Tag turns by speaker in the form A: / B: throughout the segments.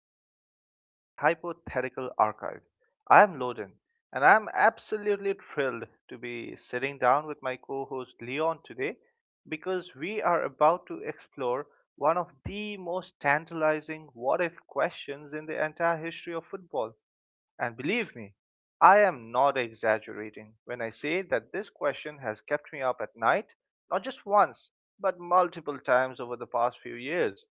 A: episode of the Hypothetical Archive. I'm Loden, and I'm absolutely thrilled to be sitting down with my co host Leon today because we are about to explore one of the most tantalizing what if questions in the entire history of football. And believe me, I am not exaggerating when I say that this question has kept me up at night, not just once, but multiple times over the past few years.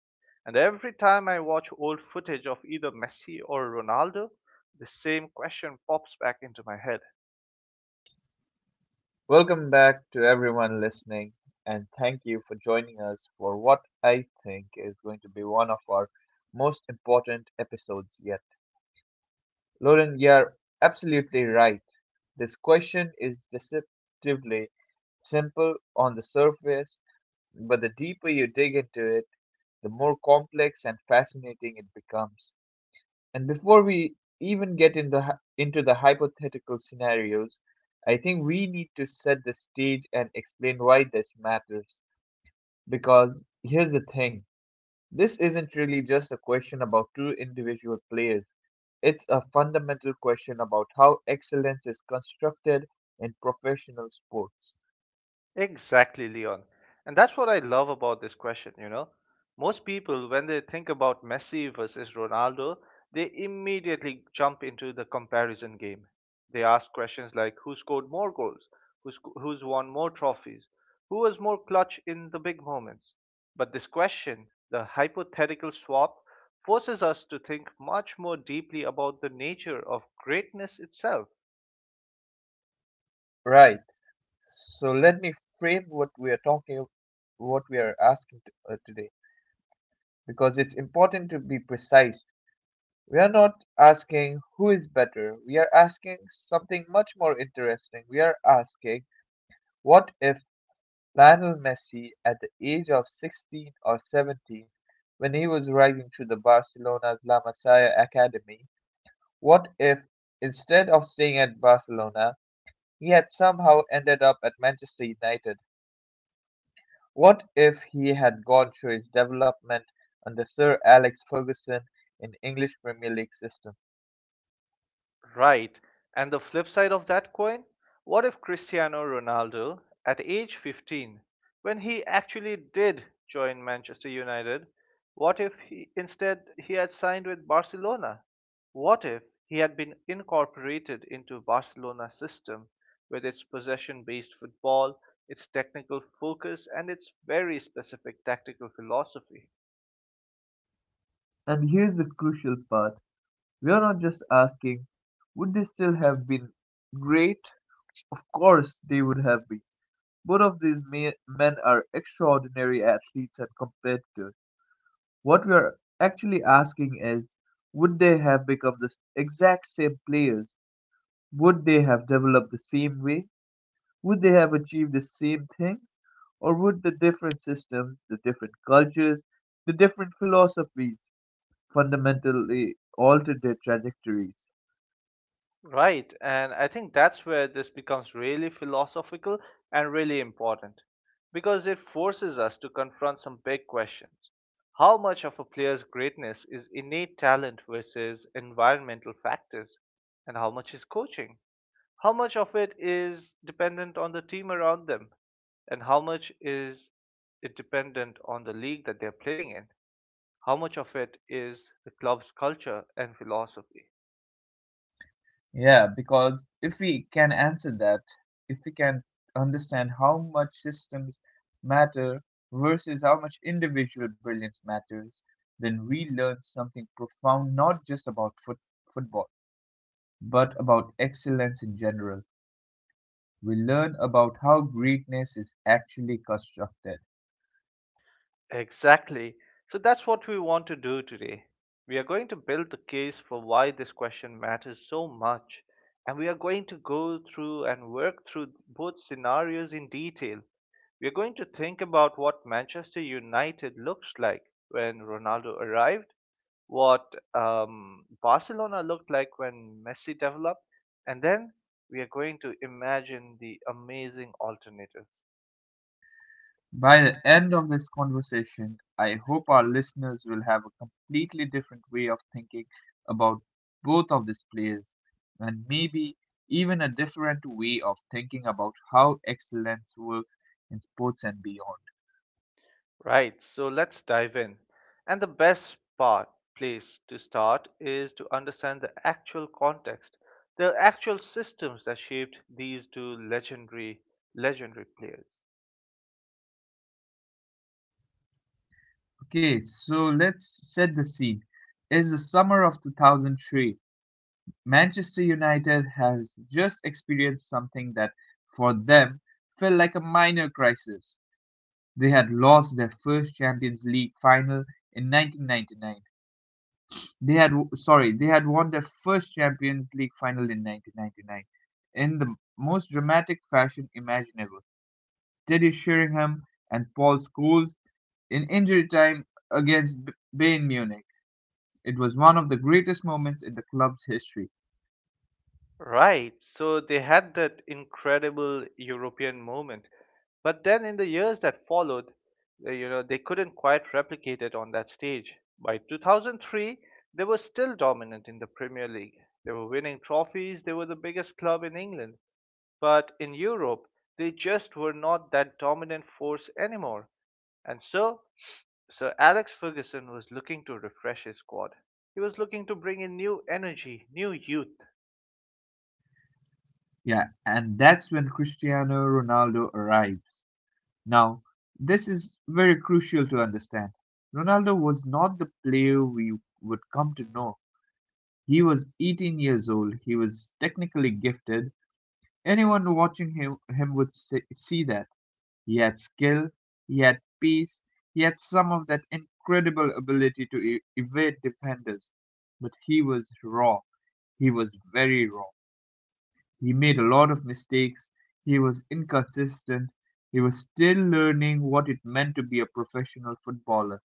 A: And every time I watch old footage of either Messi or Ronaldo, the same question pops back into my head.
B: Welcome back to everyone listening, and thank you for joining us for what I think is going to be one of our most important episodes yet. Lauren, you're absolutely right. This question is deceptively simple on the surface, but the deeper you dig into it, the more complex and fascinating it becomes. And before we even get into the hypothetical scenarios, I think we need to set the stage and explain why this matters. Because here's the thing, this isn't really just a question about two individual players, it's a fundamental question about how excellence is constructed in professional sports.
A: Exactly, Leon. And that's what I love about this question. Most people, when they think about Messi versus Ronaldo, they immediately jump into the comparison game. They ask questions like who scored more goals, who's won more trophies, who was more clutch in the big moments. But this question, the hypothetical swap, forces us to think much more deeply about the nature of greatness itself.
B: Right. So let me frame what we are asking today, because it's important to be precise. We are not asking who is better. We are asking something much more interesting. We are asking, what if Lionel Messi, at the age of 16 or 17, when he was riding through the Barcelona's La Masia Academy, what if, instead of staying at Barcelona, he had somehow ended up at Manchester United? What if he had gone through his development under Sir Alex Ferguson in English Premier League system?
A: Right. And the flip side of that coin? What if Cristiano Ronaldo, at age 15, when he actually did join Manchester United, what if he, instead he had signed with Barcelona? What if he had been incorporated into Barcelona's system with its possession-based football, its technical focus, and its very specific tactical philosophy?
B: And here's the crucial part. We are not just asking, would they still have been great? Of course they would have been. Both of these men are extraordinary athletes and competitors. What we are actually asking is, would they have become the exact same players? Would they have developed the same way? Would they have achieved the same things? Or would the different systems, the different cultures, the different philosophies fundamentally alter their trajectories?
A: Right, and I think that's where this becomes really philosophical and really important because it forces us to confront some big questions. How much of a player's greatness is innate talent versus environmental factors, and how much is coaching? How much of it is dependent on the team around them, and how much is it dependent on the league that they're playing in? How much of it is the club's culture and philosophy?
B: Yeah, because if we can answer that, if we can understand how much systems matter versus how much individual brilliance matters, then we learn something profound not just about football, but about excellence in general. We learn about how greatness is actually constructed.
A: Exactly. So that's what we want to do today. We are going to build the case for why this question matters so much, and we are going to go through and work through both scenarios in detail. We are going to think about what Manchester United looks like when Ronaldo arrived, what Barcelona looked like when Messi developed, and then we are going to imagine the amazing alternatives.
B: By the end of this conversation, I hope our listeners will have a completely different way of thinking about both of these players, and maybe even a different way of thinking about how excellence works in sports and beyond.
A: Right, so let's dive in. And the best part, place to start is to understand the actual context, the actual systems that shaped these two legendary players.
B: Okay, so let's set the scene. It's the summer of 2003. Manchester United has just experienced something that, for them, felt like a minor crisis. They had lost their first Champions League final in 1999. They had, sorry, they had won their first Champions League final in 1999 in the most dramatic fashion imaginable. Teddy Sheringham and Paul Scholes in injury time against Bayern Munich. It was one of the greatest moments in the club's history.
A: Right, so they had that incredible European moment, but then in the years that followed, you know, they couldn't quite replicate it on that stage. By 2003, they were still dominant in the Premier League. They were winning trophies, they were the biggest club in England. But in Europe they just were not that dominant force anymore, and so Sir Alex Ferguson was looking to refresh his squad. He was looking to bring in new energy, new youth.
B: Yeah, and that's when Cristiano Ronaldo arrives. Now, this is very crucial to understand. Ronaldo was not the player we would come to know. He was 18 years old, he was technically gifted. Anyone watching him would see that. He had skill, he had pace, he had some of that incredible ability to evade defenders. But he was raw, he was very raw. He made a lot of mistakes, he was inconsistent, he was still learning what it meant to be a professional footballer.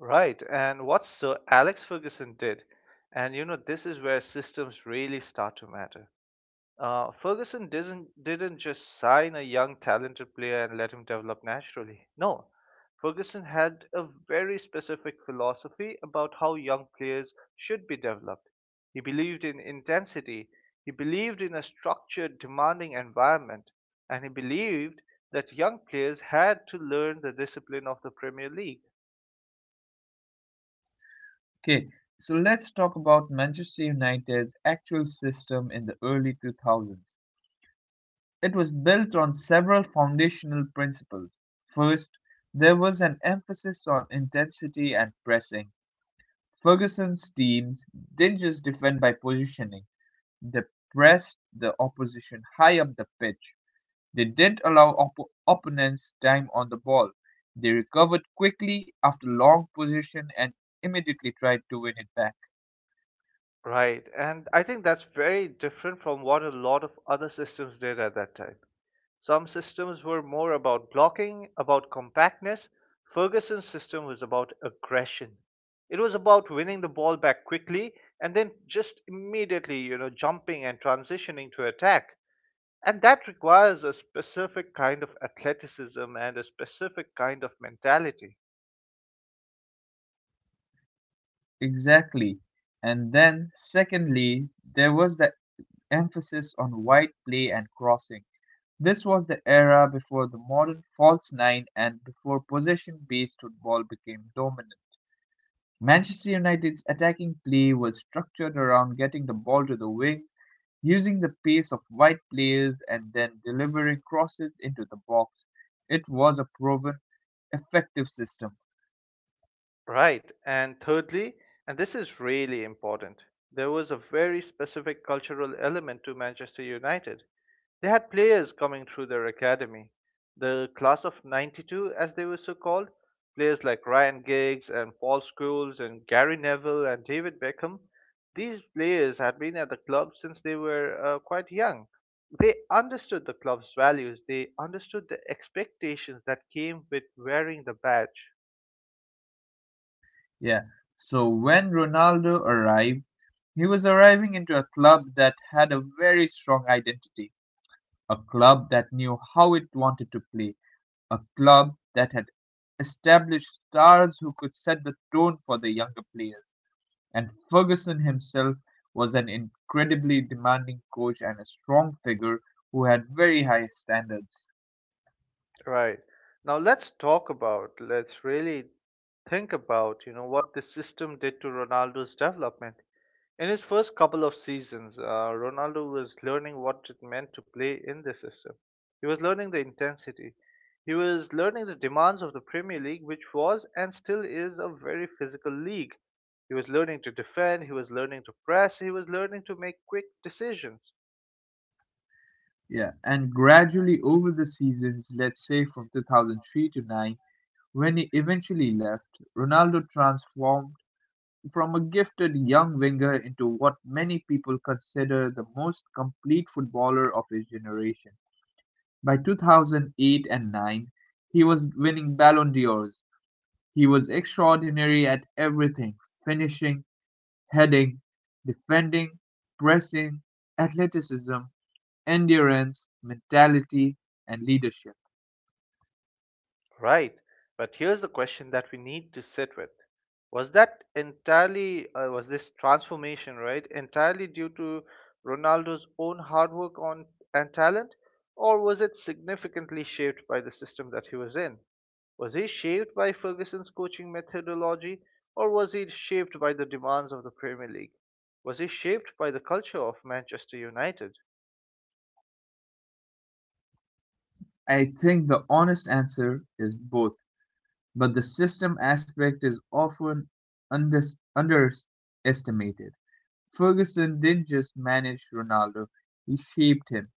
A: Right, and what Sir Alex Ferguson did, and you know, this is where systems really start to matter. Ferguson didn't just sign a young talented player and let him develop naturally. No, Ferguson had a very specific philosophy about how young players should be developed. He believed in intensity, he believed in a structured, demanding environment, and he believed that young players had to learn the discipline of the Premier League.
B: Okay, so let's talk about Manchester United's actual system in the early 2000s. It was built on several foundational principles. First, there was an emphasis on intensity and pressing. Ferguson's teams didn't just defend by positioning, they pressed the opposition high up the pitch. They didn't allow opponents time on the ball. They recovered quickly after long possession and immediately tried to win it back.
A: Right, and I think that's very different from what a lot of other systems did at that time. Some systems were more about blocking, about compactness. Ferguson's system was about aggression. It was about winning the ball back quickly and then just immediately, you know, jumping and transitioning to attack. And that requires a specific kind of athleticism and a specific kind of mentality.
B: Exactly. And then, secondly, there was the emphasis on wide play and crossing. This was the era before the modern false nine and before possession based football became dominant. Manchester United's attacking play was structured around getting the ball to the wings, using the pace of wide players, and then delivering crosses into the box. It was a proven, effective system.
A: Right. And thirdly, and this is really important, there was a very specific cultural element to Manchester United. They had players coming through their academy, the class of 92, as they were so called, players like Ryan Giggs and Paul Scholes and Gary Neville and David Beckham. These players had been at the club since they were quite young. They understood the club's values, they understood the expectations that came with wearing the badge.
B: Yeah. So when Ronaldo arrived, he was arriving into a club that had a very strong identity, a club that knew how it wanted to play, a club that had established stars who could set the tone for the younger players. And Ferguson himself was an incredibly demanding coach and a strong figure who had very high standards.
A: Right. Now let's really think about, you know, what this system did to Ronaldo's development. In his first couple of seasons, Ronaldo was learning what it meant to play in this system. He was learning the intensity. He was learning the demands of the Premier League, which was and still is a very physical league. He was learning to defend, he was learning to press, he was learning to make quick decisions.
B: Yeah, and gradually over the seasons, let's say from 2003 to 9, when he eventually left, Ronaldo transformed from a gifted young winger into what many people consider the most complete footballer of his generation. By 2008 and 9, he was winning Ballon d'Ors. He was extraordinary at everything: finishing, heading, defending, pressing, athleticism, endurance, mentality, and leadership.
A: Right. But here's the question that we need to sit with. Was this transformation, right, entirely due to Ronaldo's own hard work on and talent, or was it significantly shaped by the system that he was in? Was he shaped by Ferguson's coaching methodology, or was he shaped by the demands of the Premier League? Was he shaped by the culture of Manchester United?
B: I think the honest answer is both, but the system aspect is often unders underestimated. Ferguson didn't just manage Ronaldo, he shaped him.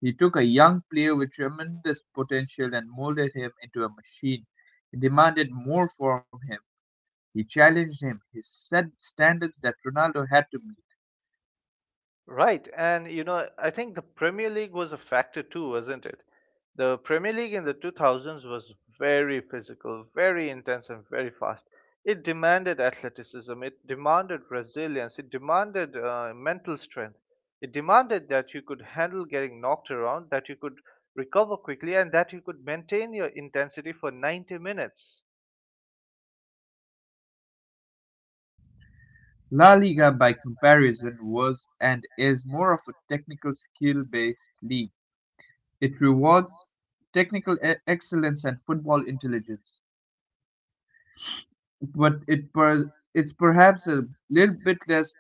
B: He took a young player with tremendous potential and molded him into a machine. He demanded more from him, he challenged him, his set standards that Ronaldo had to meet.
A: Right, and you know, I think the Premier League was a factor too, wasn't it? The Premier League in the 2000s was very physical, very intense, and very fast. It demanded athleticism, it demanded resilience, it demanded mental strength. It demanded that you could handle getting knocked around, that you could recover quickly, and that you could maintain your intensity for 90 minutes.
B: La Liga by comparison was and is more of a technical skill-based league. It rewards technical excellence and football intelligence, but it's perhaps a little bit less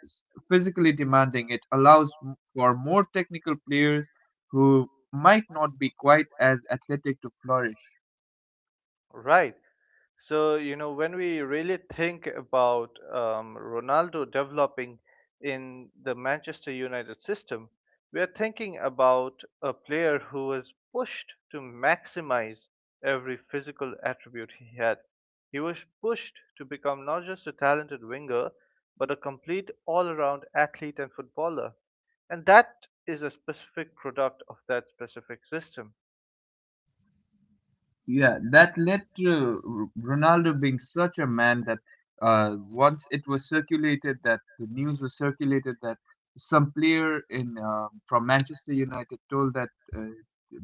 B: physically demanding. It allows for more technical players who might not be quite as athletic to flourish.
A: Right. So, you know, when we really think about Ronaldo developing in the Manchester United system, we are thinking about a player who was pushed to maximize every physical attribute he had. He was pushed to become not just a talented winger, but a complete all around athlete and footballer, and that is a specific product of that specific system.
B: Yeah, that led to Ronaldo being such a man that, once it was circulated, that the news was circulated that some player in from Manchester United told that, uh,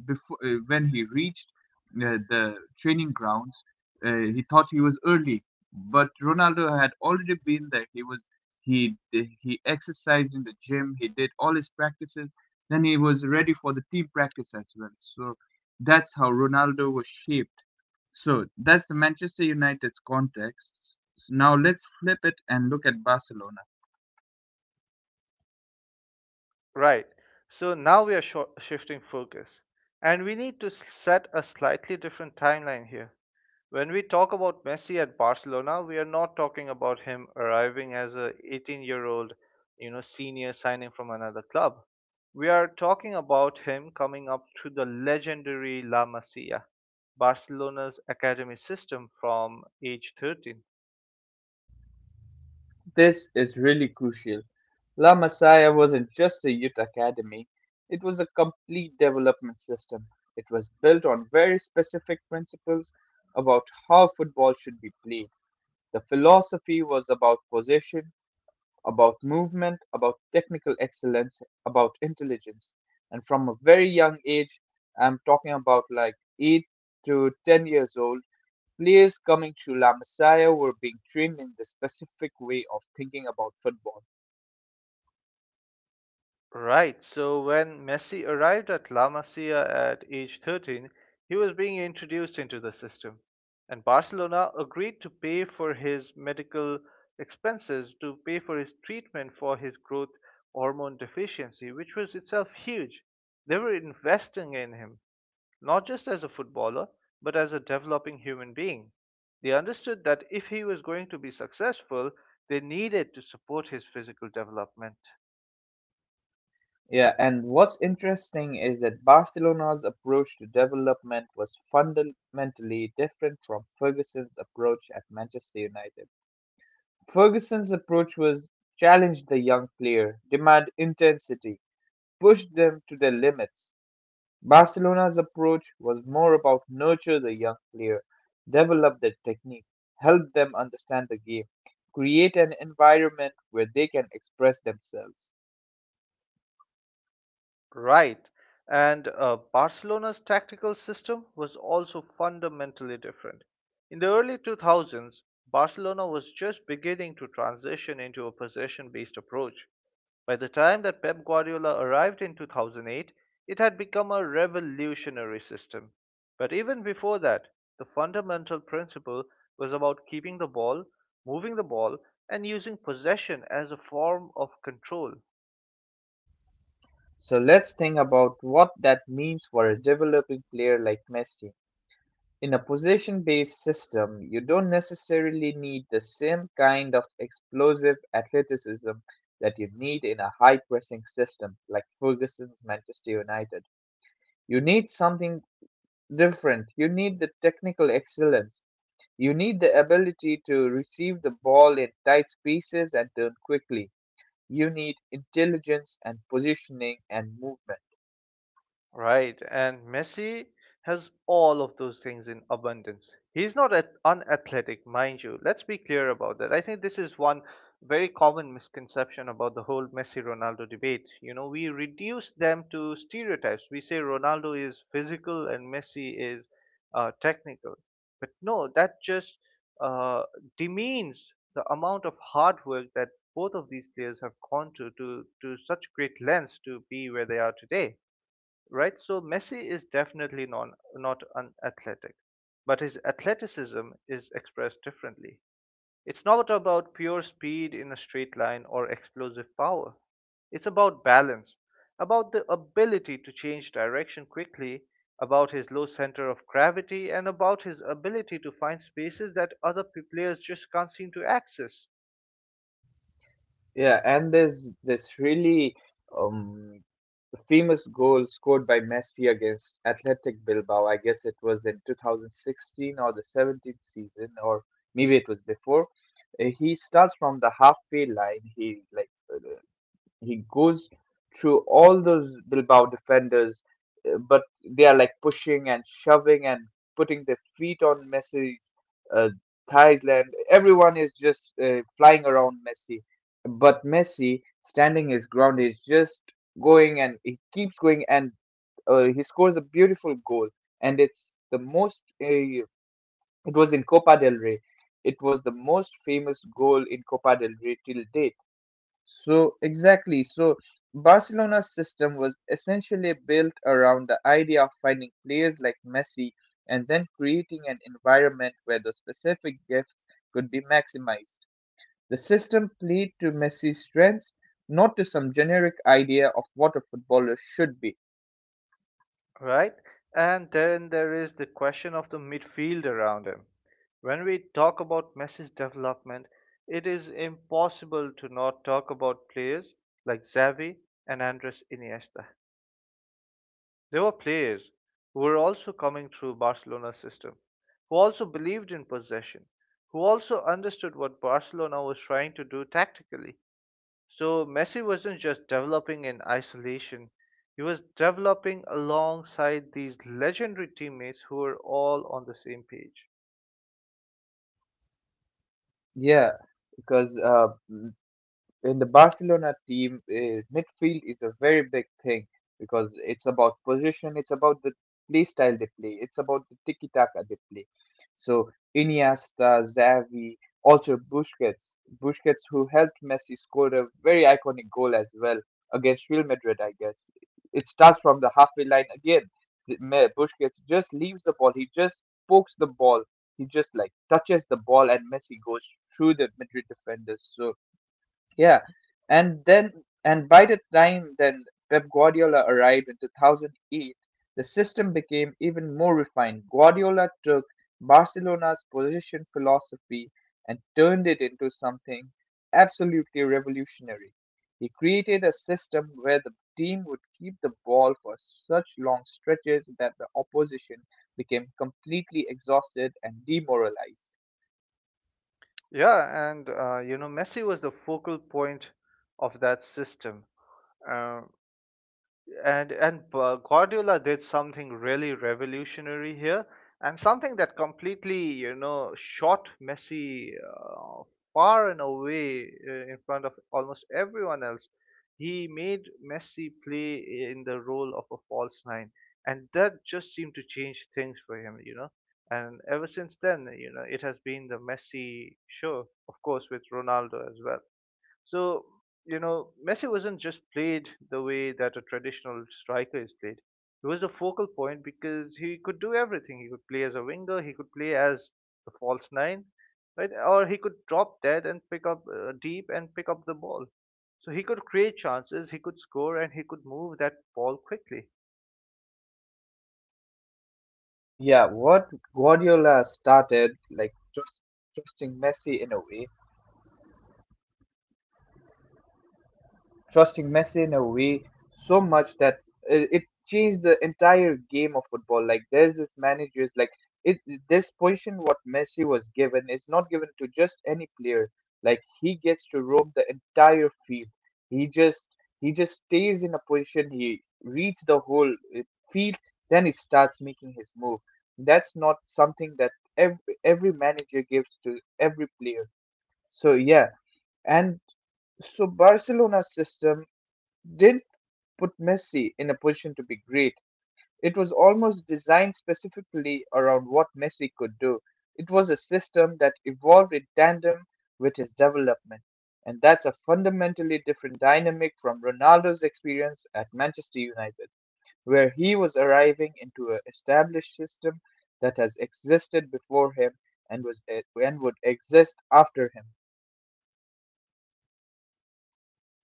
B: before, when he reached the training grounds, he thought he was early, but Ronaldo had already been there. He was he exercised in the gym. He did all his practices. Then he was ready for the team practice as well. So that's how Ronaldo was shaped. So that's the Manchester United's context. Now let's flip it and look at Barcelona.
A: Right. So now we are sho shifting focus, and we need to set a slightly different timeline here. When we talk about Messi at Barcelona, we are not talking about him arriving as a 18-year-old, you know, senior signing from another club. We are talking about him coming up through the legendary La Masia, Barcelona's academy system from age 13.
B: This is really crucial. La Masia wasn't just a youth academy, it was a complete development system. It was built on very specific principles about how football should be played. The philosophy was about possession, about movement, about technical excellence, about intelligence. And from a very young age, I'm talking about like 8 to 10 years old, players coming to La Masia were being trained in the specific way of thinking about football.
A: Right, so when Messi arrived at La Masia at age 13, he was being introduced into the system, and Barcelona agreed to pay for his medical expenses, to pay for his treatment for his growth hormone deficiency, which was itself huge. They were investing in him, not just as a footballer, but as a developing human being. They understood that if he was going to be successful, they needed to support his physical development.
B: Yeah, and what's interesting is that Barcelona's approach to development was fundamentally different from Ferguson's approach at Manchester United. Ferguson's approach was, challenge the young player, demand intensity, pushed them to their limits. Barcelona's approach was more about nurture the young player, develop their technique, help them understand the game, create an environment where they can express themselves.
A: Right. And Barcelona's tactical system was also fundamentally different. In the early 2000s, Barcelona was just beginning to transition into a possession based approach. By the time that Pep Guardiola arrived in 2008, it had become a revolutionary system. But even before that, the fundamental principle was about keeping the ball, moving the ball, and using possession as a form of control.
B: So let's think about what that means for a developing player like Messi. In a position based system, you don't necessarily need the same kind of explosive athleticism that you need in a high pressing system like Ferguson's Manchester United. You need something different. You need the technical excellence. You need the ability to receive the ball in tight spaces and turn quickly. You need intelligence and positioning and movement.
A: Right, and Messi has all of those things in abundance. He's not at unathletic, mind you. Let's be clear about that. I think this is one very common misconception about the whole Messi Ronaldo debate. You know, we reduce them to stereotypes. We say Ronaldo is physical and Messi is technical. But no, that just uh, demeans the amount of hard work that both of these players have gone to, to such great lengths to be where they are today, right? So Messi is definitely not unathletic, but his athleticism is expressed differently. It's not about pure speed in a straight line or explosive power. It's about balance, about the ability to change direction quickly, about his low center of gravity, and about his ability to find spaces that other players just can't seem to access,
B: Yeah, and there's this really um, famous goal scored by Messi against Athletic Bilbao. I guess it was in 2016 or the 17th season, or maybe it was before. He starts from the halfway line. He goes through all those Bilbao defenders, but they are like pushing and shoving and putting their feet on Messi's uh, thighs. Land everyone is just flying around Messi, but Messi standing his ground is just going, and he keeps going, and he scores a beautiful goal, and it's the most it was in Copa del Rey. It was the most famous goal in Copa del Rey till date. So, exactly. So, Barcelona's system was essentially built around the idea of finding players like Messi and then creating an environment where those specific gifts could be maximized. The system played to Messi's strengths, not to some generic idea of what a footballer should be.
A: right? And then there is the question of the midfield around him. When we talk about Messi's development, it is impossible to not talk about players like Xavi and Andres Iniesta. They were players who were also coming through Barcelona's system, who also believed in possession, who also understood what Barcelona was trying to do tactically. So Messi wasn't just developing in isolation. He was developing alongside these legendary teammates who were all on the same page.
B: Yeah, because in the Barcelona team, midfield is a very big thing because it's about position, it's about the play style they play, it's about the tiki taka they play. So Iniesta, Xavi, also Busquets, Busquets who helped Messi score a very iconic goal as well against Real Madrid, I guess. It starts from the halfway line again. Busquets just leaves the ball, he just pokes the ball, he just like touches the ball, and Messi goes through the Madrid defenders. So yeah, and then, and by the time then Pep Guardiola arrived in 2008, the system became even more refined. Guardiola took Barcelona's possession philosophy and turned it into something absolutely revolutionary. He created a system where the team would keep the ball for such long stretches that the opposition became completely exhausted and demoralized.
A: Yeah, and you know, Messi was the focal point of that system. Uh, and Guardiola did something really revolutionary here, and something that completely you know shot Messi far and away in front of almost everyone else. He made Messi play in the role of a false nine, and that just seemed to change things for him, you know. And ever since then, you know, it has been the Messi show, of course, with Ronaldo as well. So, you know, Messi wasn't just played the way that a traditional striker is played. He was a focal point because he could do everything. He could play as a winger, he could play as the false nine, right? Or he could drop dead and pick up deep and pick up the ball. So he could create chances, he could score, and he could move that ball quickly.
B: Yeah, what Guardiola started, like trusting Messi in a way, trusting Messi in a way so much that it changed the entire game of football. Like there's this managers like it this position what Messi was given is not given to just any player. Like he gets to roam the entire field. He just he just stays in a position. He reads the whole field. Then he starts making his move. That's not something that every every manager gives to every player. So yeah, and so Barcelona's system didn't put Messi in a position to be great. It was almost designed specifically around what Messi could do. It was a system that evolved in tandem with his development. And that's a fundamentally different dynamic from Ronaldo's experience at Manchester United, where he was arriving into an established system that has existed before him and was and would exist after him.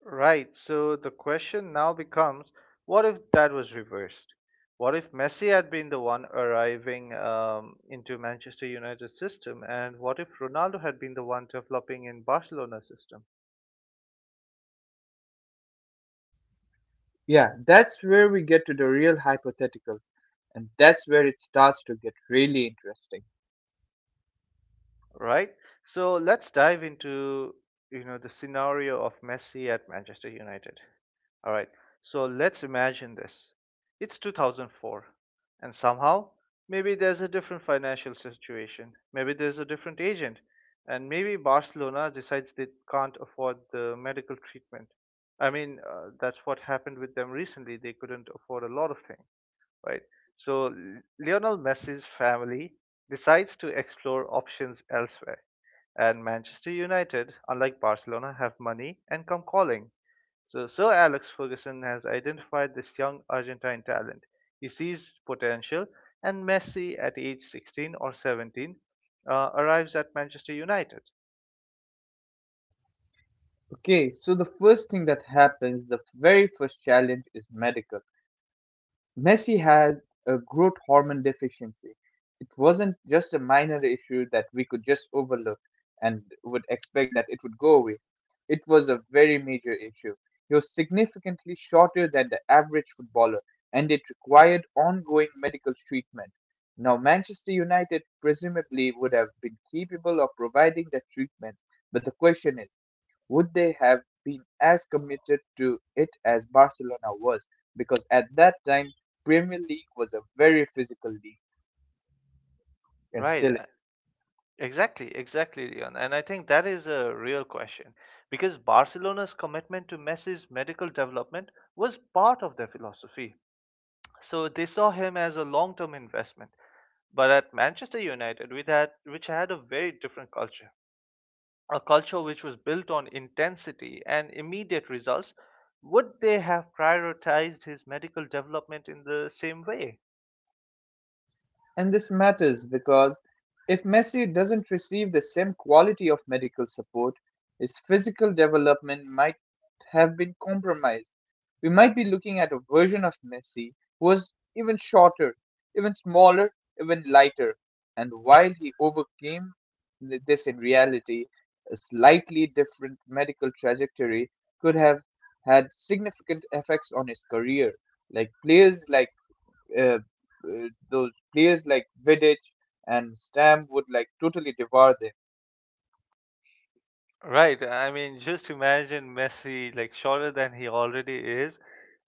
A: Right. So the question now becomes, what if that was reversed? What if Messi had been the one arriving into Manchester United system, and what if Ronaldo had been the one developing in Barcelona system,
B: Yeah, that's where we get to the real hypotheticals, and that's where it starts to get really interesting.
A: right? So let's dive into the scenario of Messi at Manchester United. All right. So let's imagine this. It's 2004, and somehow maybe there's a different financial situation. Maybe there's a different agent, and maybe Barcelona decides they can't afford the medical treatment. I mean, that's what happened with them recently. They couldn't afford a lot of things, right? So Lionel Messi's family decides to explore options elsewhere. And Manchester United, unlike Barcelona, have money and come calling. So Sir Alex Ferguson has identified this young Argentine talent. He sees potential, and Messi at age 16 or 17 arrives at Manchester United.
B: Okay, so the first thing that happens, the very first challenge is medical. Messi had a growth hormone deficiency. It wasn't just a minor issue that we could just overlook and would expect that it would go away. It was a very major issue. He was significantly shorter than the average footballer, and it required ongoing medical treatment. Now, Manchester United presumably would have been capable of providing that treatment, but the question is would they have been as committed to it as Barcelona was? Because at that time, Premier League was a very physical league, and
A: Right.
B: still.
A: Exactly, exactly, Leon. And I think that is a real question because Barcelona's commitment to Messi's medical development was part of their philosophy. So they saw him as a long-term investment. But at Manchester United, with that, which had a very different culture, a culture which was built on intensity and immediate results, would they have prioritized his medical development in the same way?
B: And this matters because if Messi doesn't receive the same quality of medical support, his physical development might have been compromised. We might be looking at a version of Messi who was even shorter, even smaller, even lighter. And while he overcame this in reality, a slightly different medical trajectory could have had significant effects on his career. Like players like uh, uh, those players like Vidic and Stam would like totally devour them.
A: Right. I mean, just imagine Messi like shorter than he already is,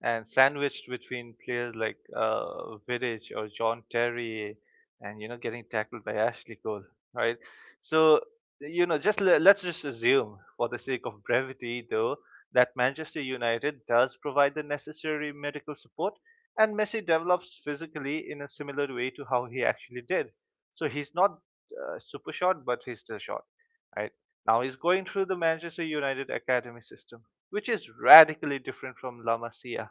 A: and sandwiched between players like Vidic or John Terry, and you know getting tackled by Ashley Cole, right? So you know, just let's just assume, for the sake of brevity, though, that Manchester United does provide the necessary medical support, and Messi develops physically in a similar way to how he actually did. So he's not super short, but he's still short, right? Now he's going through the Manchester United Academy system, which is radically different from La Masia.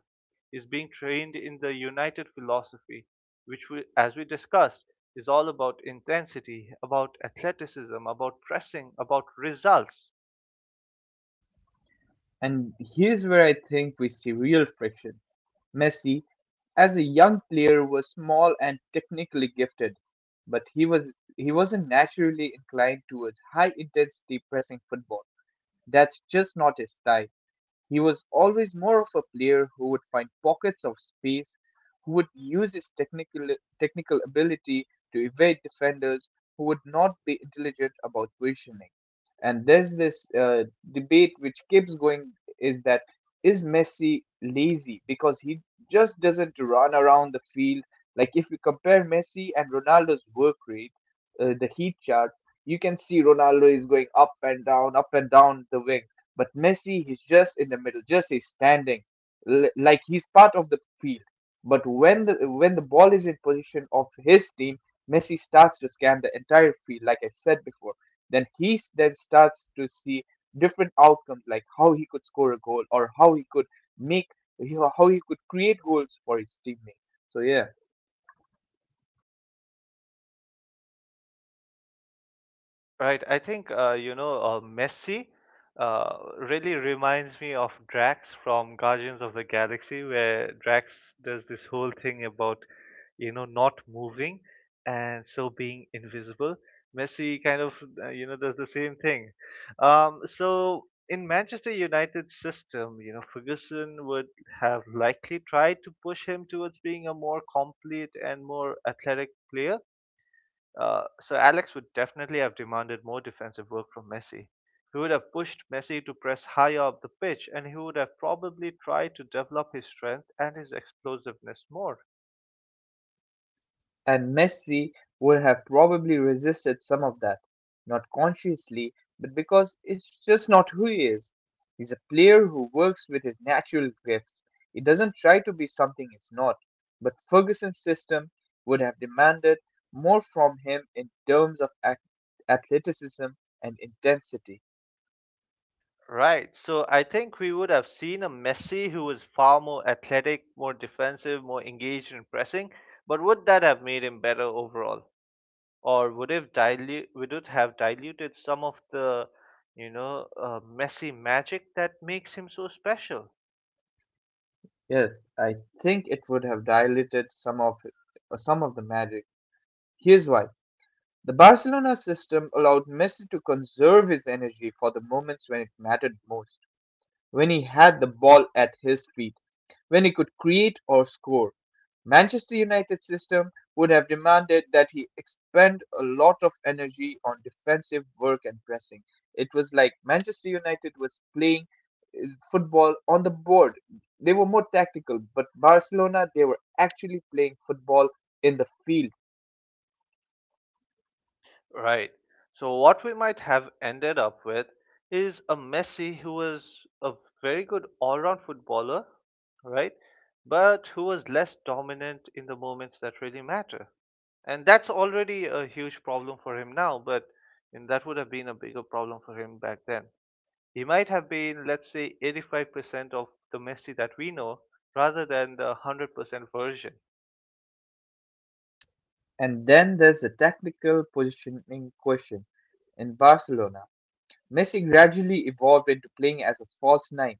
A: He's being trained in the United philosophy, which, as we discussed, is all about intensity, about athleticism, about pressing, about results.
B: And here's where I think we see real friction. Messi, as a young player, was small and technically gifted, but he wasn't naturally inclined towards high intensity pressing football. That's just not his style. He was always more of a player who would find pockets of space, who would use his technical ability to evade defenders, who would not be intelligent about positioning. And there's this debate which keeps going is that is Messi lazy because he just doesn't run around the field. Like if you compare Messi and Ronaldo's work rate, the heat charts, you can see Ronaldo is going up and down the wings. But Messi, he's just in the middle, just he's standing, like he's part of the field. But when the ball is in position of his team, Messi starts to scan the entire field, like I said before. Then starts to see different outcomes, like how he could score a goal or how he could make how he could create goals for his teammates. So yeah.
A: Right. I think Messi really reminds me of Drax from Guardians of the Galaxy, where Drax does this whole thing about you know not moving and so being invisible. Messi kind of you know does the same thing. So in Manchester United's system, you know Ferguson would have likely tried to push him towards being a more complete and more athletic player, so Alex would definitely have demanded more defensive work from Messi. He would have pushed Messi to press higher up the pitch, and he would have probably tried to develop his strength and his explosiveness more.
B: And Messi would have probably resisted some of that, not consciously, but because it's just not who he is. He's a player who works with his natural gifts. He doesn't try to be something he's not. But Ferguson's system would have demanded more from him in terms of athleticism and intensity.
A: Right, so I think we would have seen a Messi who was far more athletic, more defensive, more engaged in pressing, but would that have made him better overall? Or would it dilute would it have diluted some of the, you know, Messi magic that makes him so special?
B: Yes, I think it would have diluted some of the magic. Here's why. The Barcelona system allowed Messi to conserve his energy for the moments when it mattered most, when he had the ball at his feet, when he could create or score. Manchester United system would have demanded that he expend a lot of energy on defensive work and pressing. It was like Manchester United was playing football on the board. They were more tactical, but Barcelona, they were actually playing football in the field.
A: Right. So what we might have ended up with is a Messi who was a very good all-round footballer, right? But who was less dominant in the moments that really matter. And that's already a huge problem for him now, but and that would have been a bigger problem for him back then. He might have been, let's say, 85% of the Messi that we know rather than the 100% version.
B: And then there's the tactical positioning question. In Barcelona, Messi gradually evolved into playing as a false nine,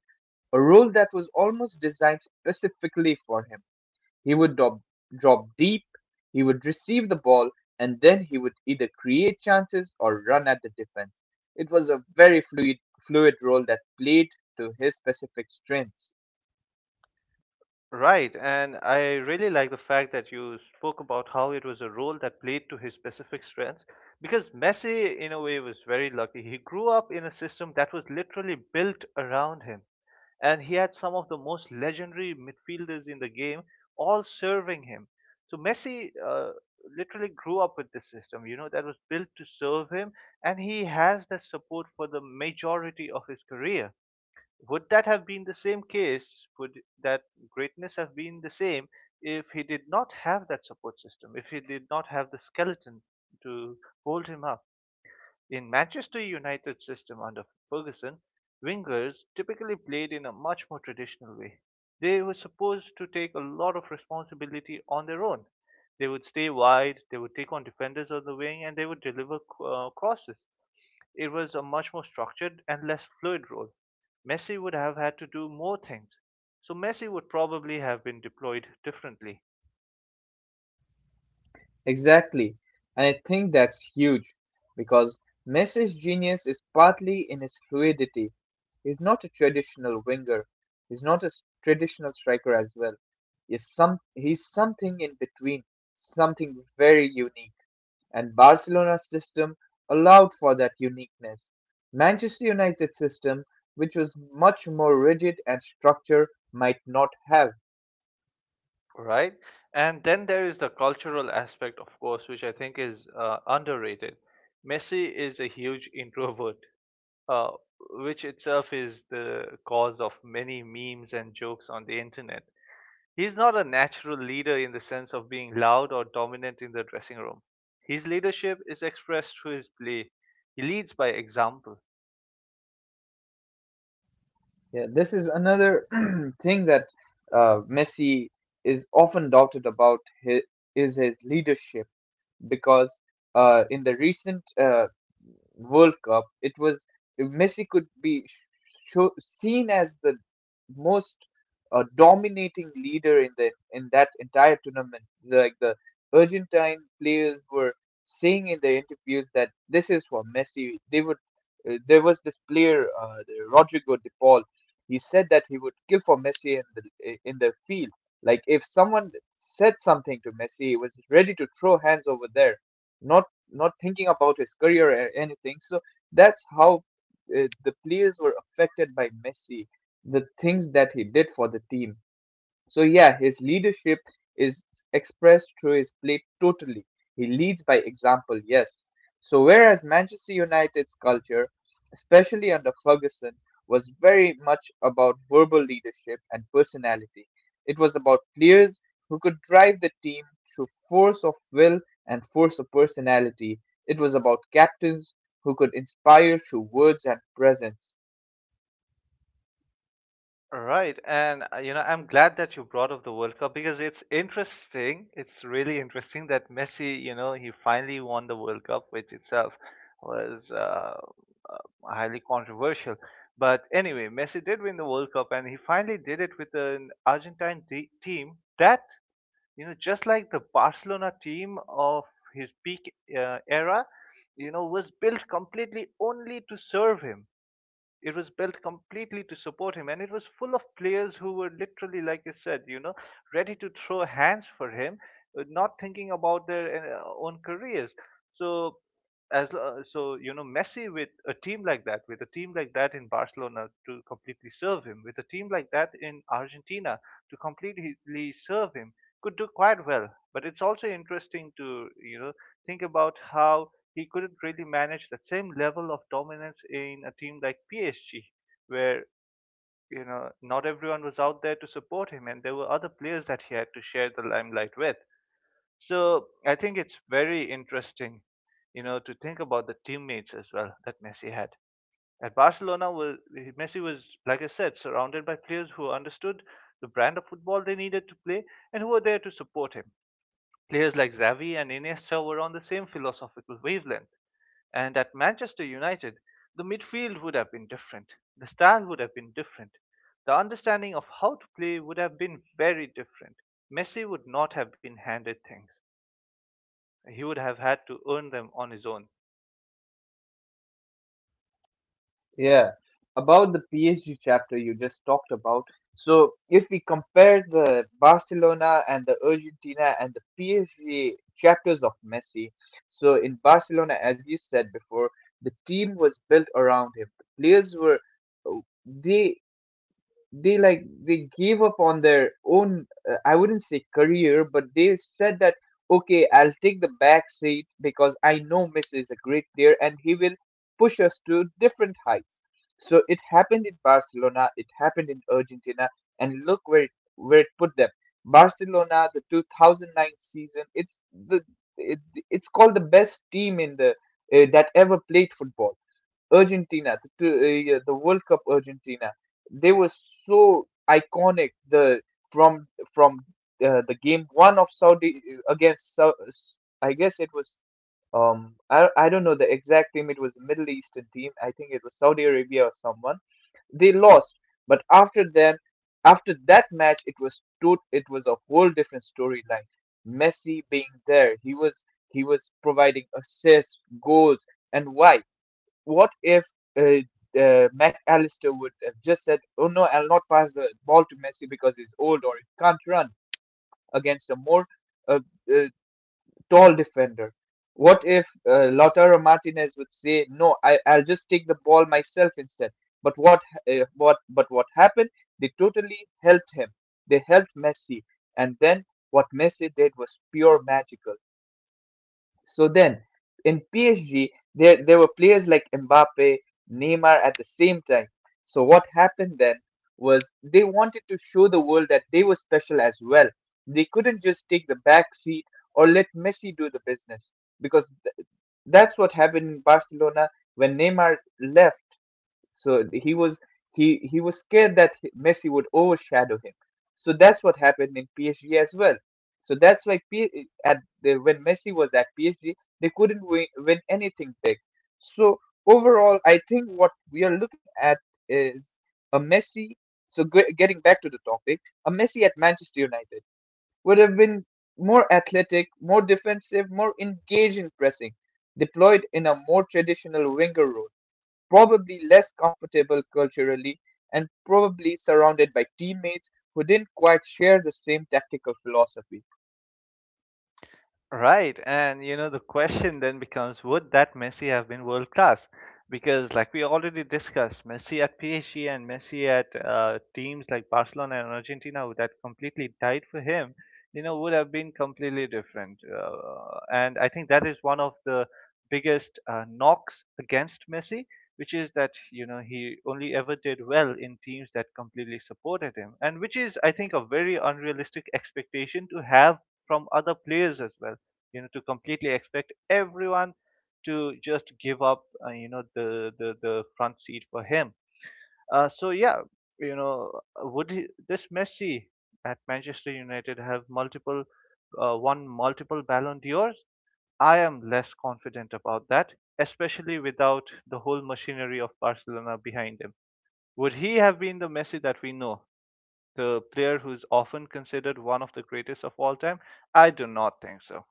B: a role that was almost designed specifically for him. He would drop deep, he would receive the ball, and then he would either create chances or run at the defense. It was a very fluid role that played to his specific strengths.
A: Right, and I really like the fact that you spoke about how it was a role that played to his specific strengths, because Messi, in a way, was very lucky. He grew up in a system that was literally built around him, and he had some of the most legendary midfielders in the game all serving him. So Messi literally grew up with this system, you know, that was built to serve him, and he has the support for the majority of his career. Would that have been the same case? Would that greatness have been the same if he did not have that support system, if he did not have the skeleton to hold him up? In Manchester United's system under Ferguson, wingers typically played in a much more traditional way. They were supposed to take a lot of responsibility on their own. They would stay wide, they would take on defenders on the wing, and they would deliver crosses. It was a much more structured and less fluid role. Messi would have had to do more things. So Messi would probably have been deployed differently,
B: Exactly. And I think that's huge because Messi's genius is partly in his fluidity. He's not a traditional winger. He's not a traditional striker as well. He's something in between, something very unique. And Barcelona's system allowed for that uniqueness. Manchester United's system, which was much more rigid and structured, might not have.
A: right? And then there is the cultural aspect, of course, which I think is underrated. Messi is a huge introvert, uh, which itself is the cause of many memes and jokes on the internet. He's not a natural leader in the sense of being loud or dominant in the dressing room. His leadership is expressed through his play. He leads by example.
B: Yeah, this is another thing that Messi is often doubted about his, is his leadership because in the recent World Cup, it was Messi could be seen as the most dominating leader in the in that entire tournament. Like the Argentine players were saying in their interviews that this is for Messi. They would. There was this player, the Rodrigo De Paul. He said that he would kill for Messi in the field like if someone said something to Messi, he was ready to throw hands over there, not not thinking about his career or anything. So that's how the players were affected by Messi, the things that he did for the team. So yeah, his leadership is expressed through his play totally. He leads by example, yes. So whereas Manchester United's culture, especially under Ferguson, was very much about verbal leadership and personality. It was about players who could drive the team through force of will and force of personality. It was about captains who could inspire through words and presence.
A: Right, and I'm glad that you brought up the World Cup, because it's interesting. It's really interesting that Messi, you know, he finally won the World Cup, which itself was uh, highly controversial. But anyway, Messi did win the World Cup, and he finally did it with an Argentine team that, you know, just like the Barcelona team of his peak era, you know, was built completely only to serve him. It was built completely to support him, and it was full of players who were literally, like you said, you know, ready to throw hands for him, not thinking about their own careers. So as so you know Messi with a team like that, in Barcelona to completely serve him, with a team like that in Argentina to completely serve him, could do quite well, but it's also interesting to you know think about how he couldn't really manage that same level of dominance in a team like PSG, where you know not everyone was out there to support him and there were other players that he had to share the limelight with. So I think it's very interesting, you know, to think about the teammates as well that Messi had. At Barcelona, Messi was, like I said, surrounded by players who understood the brand of football they needed to play and who were there to support him. Players like Xavi and Iniesta were on the same philosophical wavelength. And at Manchester United, the midfield would have been different. The style would have been different. The understanding of how to play would have been very different. Messi would not have been handed things. He would have had to earn them on his own.
B: Yeah, about the PSG chapter you just talked about. So, if we compare the Barcelona and the Argentina and the PSG chapters of Messi, so in Barcelona, as you said before, the team was built around him. The players were they they like they gave up on their own I wouldn't say career but they said that okay I'll take the back seat because I know Messi is a great player and he will push us to different heights. So it happened in Barcelona, it happened in Argentina, and look where where it put them. Barcelona, the 2009 season, it's the it, it's called the best team in the that ever played football. Argentina, the yeah, the World Cup Argentina, they were so iconic. The from from the game one of Saudi against I guess it was I don't know the exact team. It was a Middle Eastern team. I think it was Saudi Arabia or someone. They lost, but after then, after that match, it was a whole different storyline. Messi being there, he was providing assists, goals, and why? What if uh, McAllister would have just said, "Oh no, I'll not pass the ball to Messi because he's old or he can't run against a more uh, uh, tall defender." What if Lautaro Martinez would say, "No, I'll just take the ball myself instead." But what but what happened? They totally helped him. They helped Messi, and then what Messi did was pure magical. So then, in PSG, there were players like Mbappe, Neymar at the same time. So what happened then was they wanted to show the world that they were special as well. They couldn't just take the back seat or let Messi do the business because that's what happened in Barcelona when Neymar left. So he was scared that Messi would overshadow him. So that's what happened in PSG as well. So that's why when Messi was at PSG, they couldn't win anything big. So overall, I think what we are looking at is a Messi. So getting back to the topic, a Messi at Manchester United would have been more athletic, more defensive, more engaged in pressing, deployed in a more traditional winger role, probably less comfortable culturally, and probably surrounded by teammates who didn't quite share the same tactical philosophy.
A: Right, and you know the question then becomes, would that Messi have been world class? Because like we already discussed, Messi at PSG and Messi at teams like Barcelona and Argentina that completely died for him, you know, would have been completely different. And I think that is one of the biggest knocks against Messi, which is that you know he only ever did well in teams that completely supported him, and which is I think a very unrealistic expectation to have from other players as well, you know, to completely expect everyone to just give up you know the front seat for him. So yeah, you know, would he, this Messi at Manchester United, have multiple won multiple Ballon d'Ors? I am less confident about that, especially without the whole machinery of Barcelona behind him. Would he have been the Messi that we know, the player who's often considered one of the greatest of all time? I do not think so.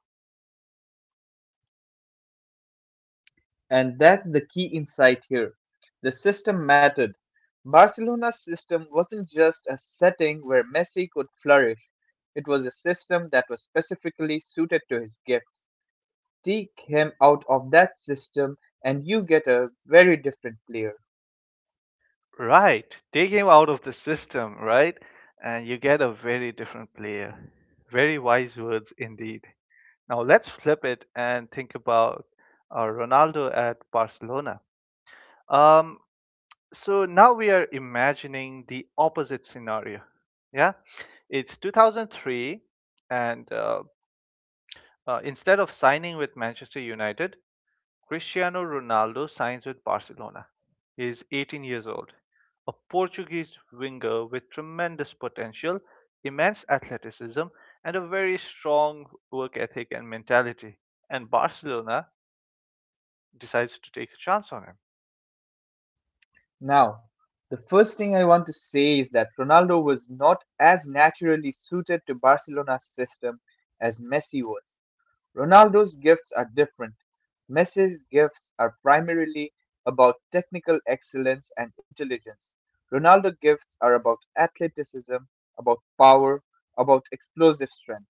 B: And that's the key insight here. The system mattered. Barcelona's system wasn't just a setting where Messi could flourish, it was a system that was specifically suited to his gifts. Take him out of that system, and you get a very different player.
A: Right. Take him out of the system, right? And you get a very different player. Very wise words indeed. Now let's flip it and think about Ronaldo at Barcelona. Um, so now we are imagining the opposite scenario. Yeah, it's 2003, and instead of signing with Manchester United, Cristiano Ronaldo signs with Barcelona. He is 18 years old, a Portuguese winger with tremendous potential, immense athleticism, and a very strong work ethic and mentality. And Barcelona decides to take a chance on him.
B: Now, the first thing I want to say is that Ronaldo was not as naturally suited to Barcelona's system as Messi was. Ronaldo's gifts are different. Messi's gifts are primarily about technical excellence and intelligence. Ronaldo's gifts are about athleticism, about power, about explosive strength.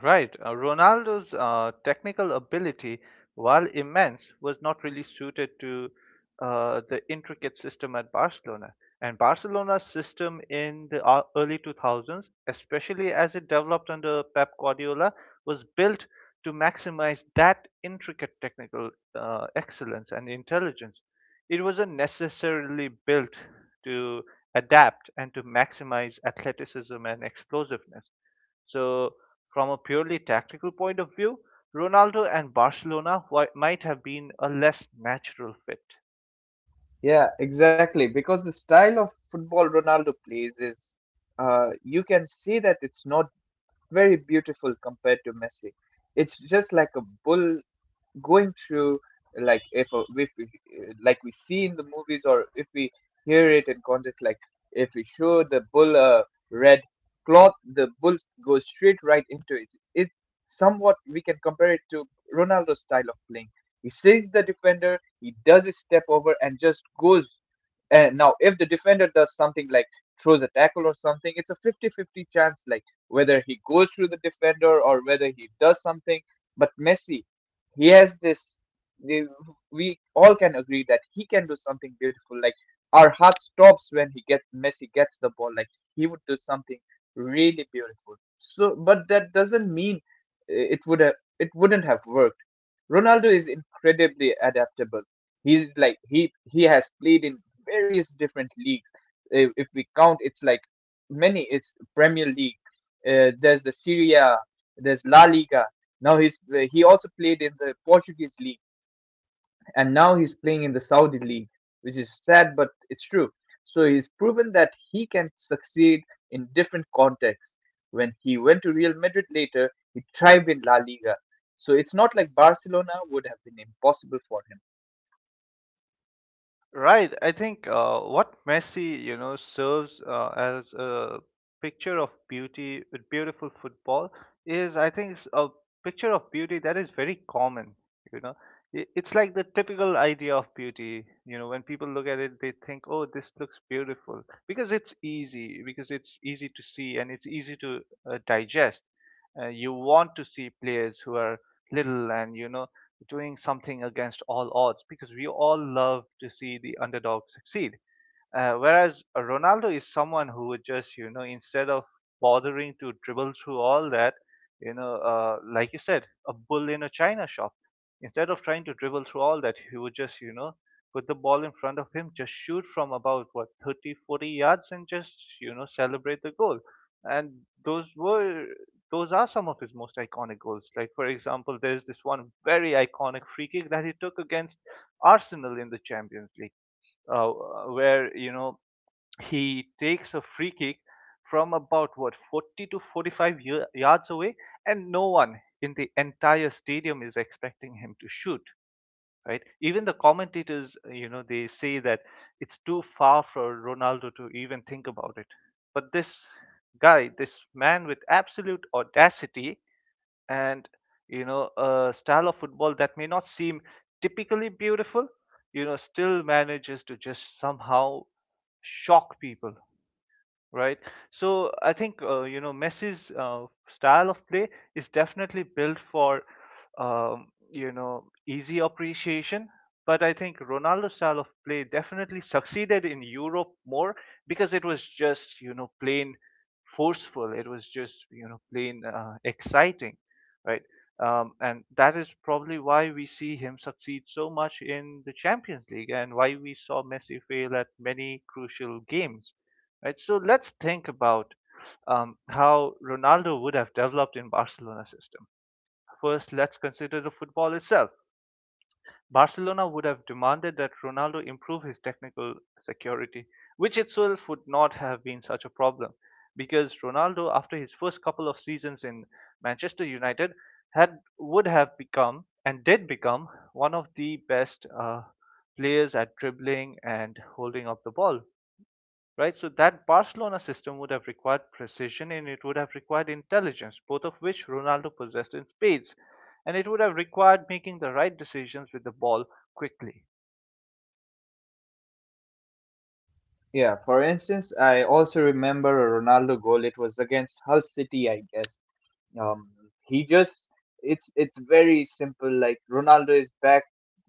A: Right. Ronaldo's technical ability, while immense, was not really suited to the intricate system at Barcelona. And Barcelona's system in the early 2000s, especially as it developed under Pep Guardiola, was built to maximize that intricate technical excellence and intelligence. It wasn't necessarily built to adapt and to maximize athleticism and explosiveness. So, from a purely tactical point of view, Ronaldo and Barcelona might have been a less natural fit.
B: Yeah, exactly. Because the style of football Ronaldo plays is, you can say that it's not very beautiful compared to Messi. It's just like a bull going through, like if we, like we see in the movies, or if we hear it in context. Like if we show the bull a red cloth, the bull goes straight right into it. it Somewhat we can compare it to Ronaldo's style of playing. He sees the defender, he does a step over, and just goes. And now if the defender does something like throws a tackle or something, it's a 50-50 chance, like whether he goes through the defender or whether he does something. But Messi, he has this, the, we all can agree that he can do something beautiful. Like our heart stops when he gets Messi gets the ball, like he would do something really beautiful. So, but that doesn't mean it would have, it wouldn't have worked. Ronaldo is incredibly adaptable. He's like, he has played in various different leagues. If we count, it's like many. It's Premier League, there's the Syria, there's La Liga. Now he's he also played in the Portuguese league, and now he's playing in the Saudi league, which is sad, but it's true. So he's proven that he can succeed in different contexts. When he went to Real Madrid later, he thrived in La Liga. So it's not like Barcelona would have been impossible for him.
A: Right. I think what Messi, you know, serves as a picture of beauty with beautiful football is, I think, it's a picture of beauty that is very common. You know, it's like the typical idea of beauty. You know, when people look at it, they think, "Oh, this looks beautiful," because it's easy to see, and it's easy to digest. You want to see players who are little and doing something against all odds because we all love to see the underdog succeed. Whereas Ronaldo is someone who would just, you know, instead of bothering to dribble through all that, you know, like you said, a bull in a china shop. Instead of trying to dribble through all that, he would just, you know, put the ball in front of him, just shoot from about, what, 30, 40 yards and just, you know, celebrate the goal. And those were, those are some of his most iconic goals. Like, for example, there's this one very iconic free kick that he took against Arsenal in the Champions League, uh, where he takes a free kick from about, what, 40 to 45 yards away, and no one in the entire stadium is expecting him to shoot, right? Even the commentators, they say that it's too far for Ronaldo to even think about it. But this guy this man, with absolute audacity and, a style of football that may not seem typically beautiful, still manages to just somehow shock people, right? So I think, Messi's style of play is definitely built for easy appreciation, but I think Ronaldo's style of play definitely succeeded in Europe more because it was just, plain forceful. It was just, plain exciting, right? And that is probably why we see him succeed so much in the Champions League, and why we saw Messi fail at many crucial games, right? So let's think about how Ronaldo would have developed in Barcelona system. First, let's consider the football itself. Barcelona would have demanded that Ronaldo improve his technical security, which itself would not have been such a problem because Ronaldo, after his first couple of seasons in Manchester United, had would have become and did become one of the best players at dribbling and holding up the ball, right? So that Barcelona system would have required precision, and it would have required intelligence, both of which Ronaldo possessed in spades. And it would have required making the right decisions with the ball quickly.
B: Yeah, for instance, I also remember a Ronaldo goal. It was against Hull City, I guess. Um, he just, it's very simple. Like Ronaldo is back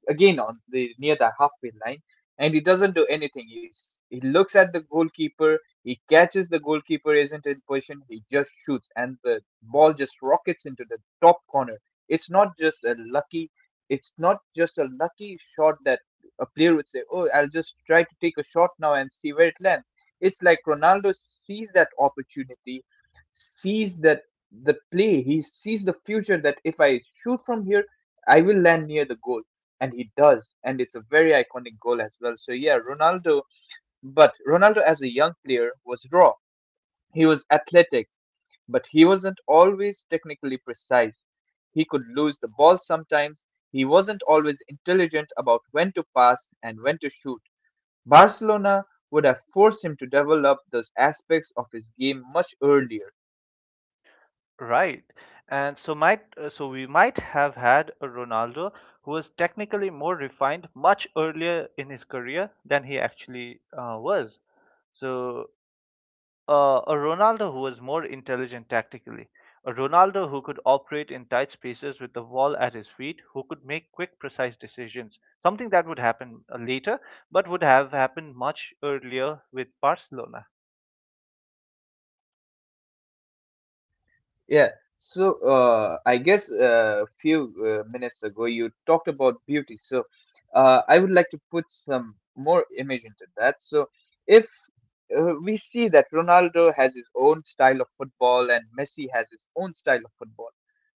B: again on the, near the halfway line, and he doesn't do anything. He looks at the goalkeeper. He catches the goalkeeper isn't in position. He just shoots, and the ball just rockets into the top corner. It's not just a lucky. It's not just a lucky shot that a player would say, "Oh, I'll just try to take a shot now and see where it lands." It's like Ronaldo sees that opportunity, sees that the play. He sees the future that if I shoot from here, I will land near the goal. And he does. And it's a very iconic goal as well. So, yeah, Ronaldo as a young player was raw. He was athletic, but he wasn't always technically precise. He could lose the ball sometimes. He wasn't always intelligent about when to pass and when to shoot. Barcelona would have forced him to develop those aspects of his game much earlier.
A: Right, and so might so we might have had a Ronaldo who was technically more refined much earlier in his career than he actually was. So a Ronaldo who was more intelligent tactically, a Ronaldo who could operate in tight spaces with the ball at his feet, who could make quick, precise decisions, something that would happen later, but would have happened much earlier with Barcelona.
B: Yeah. So, I guess a few minutes ago you talked about beauty. So, I would like to put some more image into that. So, if we see that Ronaldo has his own style of football and Messi has his own style of football,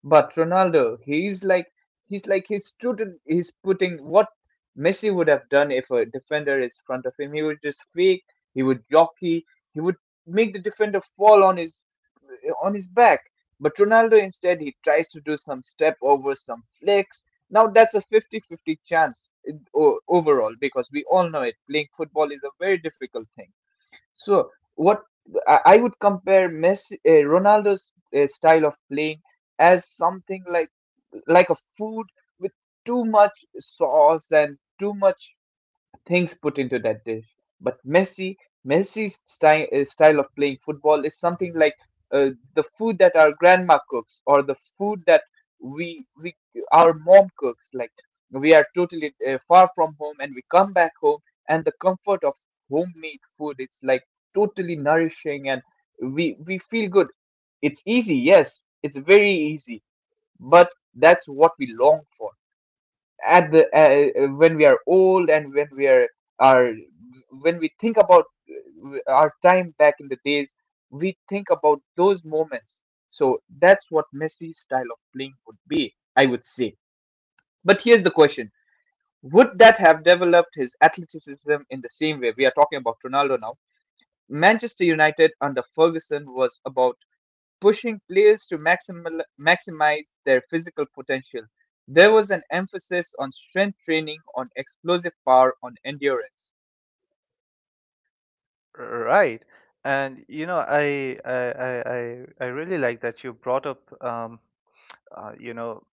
B: but Ronaldo, he's like he's true to, he's putting what Messi would have done. If a defender is in front of him, he would just fake. He would jockey. He would make the defender fall on his, on his back. But Ronaldo instead, he tries to do some step over, some flicks. Now that's a 50-50 chance overall, because we all know it. Playing football is a very difficult thing. So, what I would compare Messi, Ronaldo's style of playing as something like a food with too much sauce and too much things put into that dish. But Messi, Messi's style of playing football is something like, uh, the food that our grandma cooks, or the food that we, our mom cooks. Like we are totally far from home, and we come back home, and the comfort of homemade food. It's like totally nourishing and we feel good. It's easy, yes, it's very easy, but that's what we long for at the, when we are old, and when we are, when we think about our time back in the days, we think about those moments. So that's what Messi's style of playing would be, I would say. But here's the question: would that have developed his athleticism in the same way we are talking about Ronaldo now? Manchester United under Ferguson was about pushing players to maximize their physical potential. There was an emphasis on strength training, on explosive power, on endurance.
A: Right. And you know, I really like that you brought up uh, you know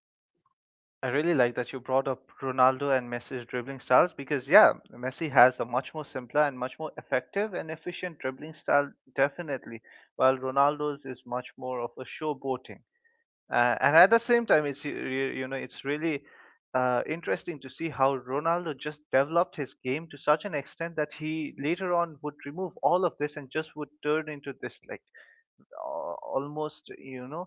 A: I really like that you brought up Ronaldo and Messi's dribbling styles because, yeah, Messi has a much more simpler and much more effective and efficient dribbling style, definitely, while Ronaldo's is much more of a showboating. And at the same time, you know it's really interesting to see how Ronaldo just developed his game to such an extent that he later on would remove all of this and just would turn into this like almost,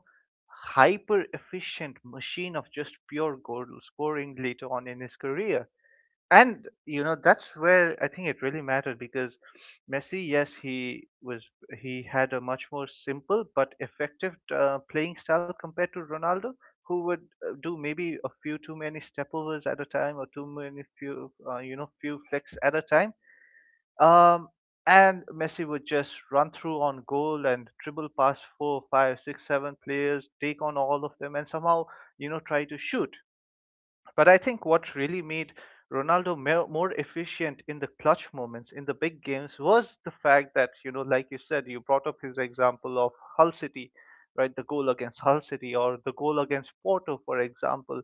A: hyper efficient machine of just pure goal scoring later on in his career. And you know that's where I think it really mattered, because Messi, yes, he had a much more simple but effective playing style compared to Ronaldo, who would do maybe a few too many stepovers at a time, or too many few few flicks at a time, um, and Messi would just run through on goal and dribble past four, five, six, seven players, take on all of them, and somehow, you know, try to shoot. But I think what really made Ronaldo more efficient in the clutch moments, in the big games, was the fact that, you know, like you said, you brought up his example of Hull City, right? The goal against Hull City, or the goal against Porto, for example,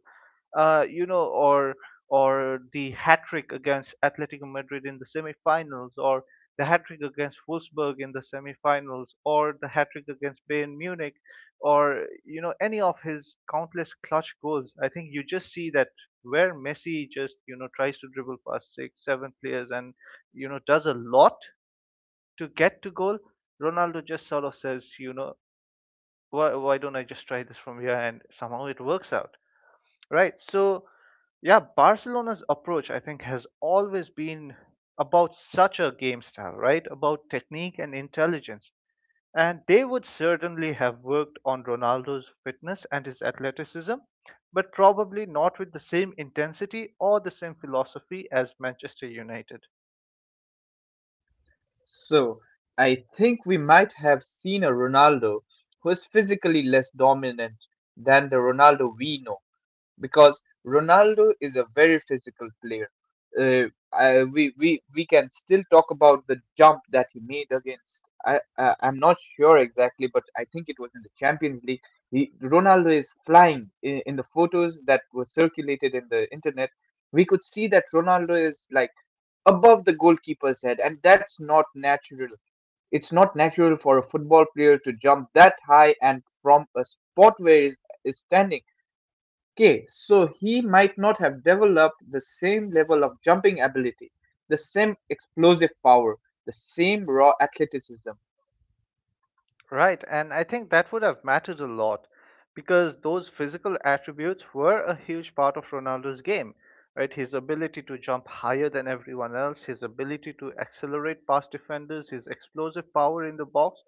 A: you know, or the hat trick against Atletico Madrid in the semifinals, or the hat trick against Wolfsburg in the semifinals, or the hat trick against Bayern Munich, or you know any of his countless clutch goals. I think you just see that where Messi just, you know, tries to dribble past six, seven players, and you know does a lot to get to goal. Ronaldo just sort of says, you know, why don't I just try this from here, and somehow it works out. Right. So, yeah, Barcelona's approach, I think, has always been about such a game style, right? About technique and intelligence. And they would certainly have worked on Ronaldo's fitness and his athleticism, but probably not with the same intensity or the same philosophy as Manchester United.
B: So, I think we might have seen a Ronaldo who is physically less dominant than the Ronaldo we know, because Ronaldo is a very physical player. I, we can still talk about the jump that he made against. I'm not sure exactly, but I think it was in the Champions League. Ronaldo is flying in the photos that were circulated in the internet. We could see that Ronaldo is like above the goalkeeper's head, and that's not natural. It's not natural for a football player to jump that high and from a spot where he's is standing. Okay, so he might not have developed the same level of jumping ability, the same explosive power, the same raw athleticism.
A: Right, and I think that would have mattered a lot because those physical attributes were a huge part of Ronaldo's game, right? His ability to jump higher than everyone else, his ability to accelerate past defenders, his explosive power in the box.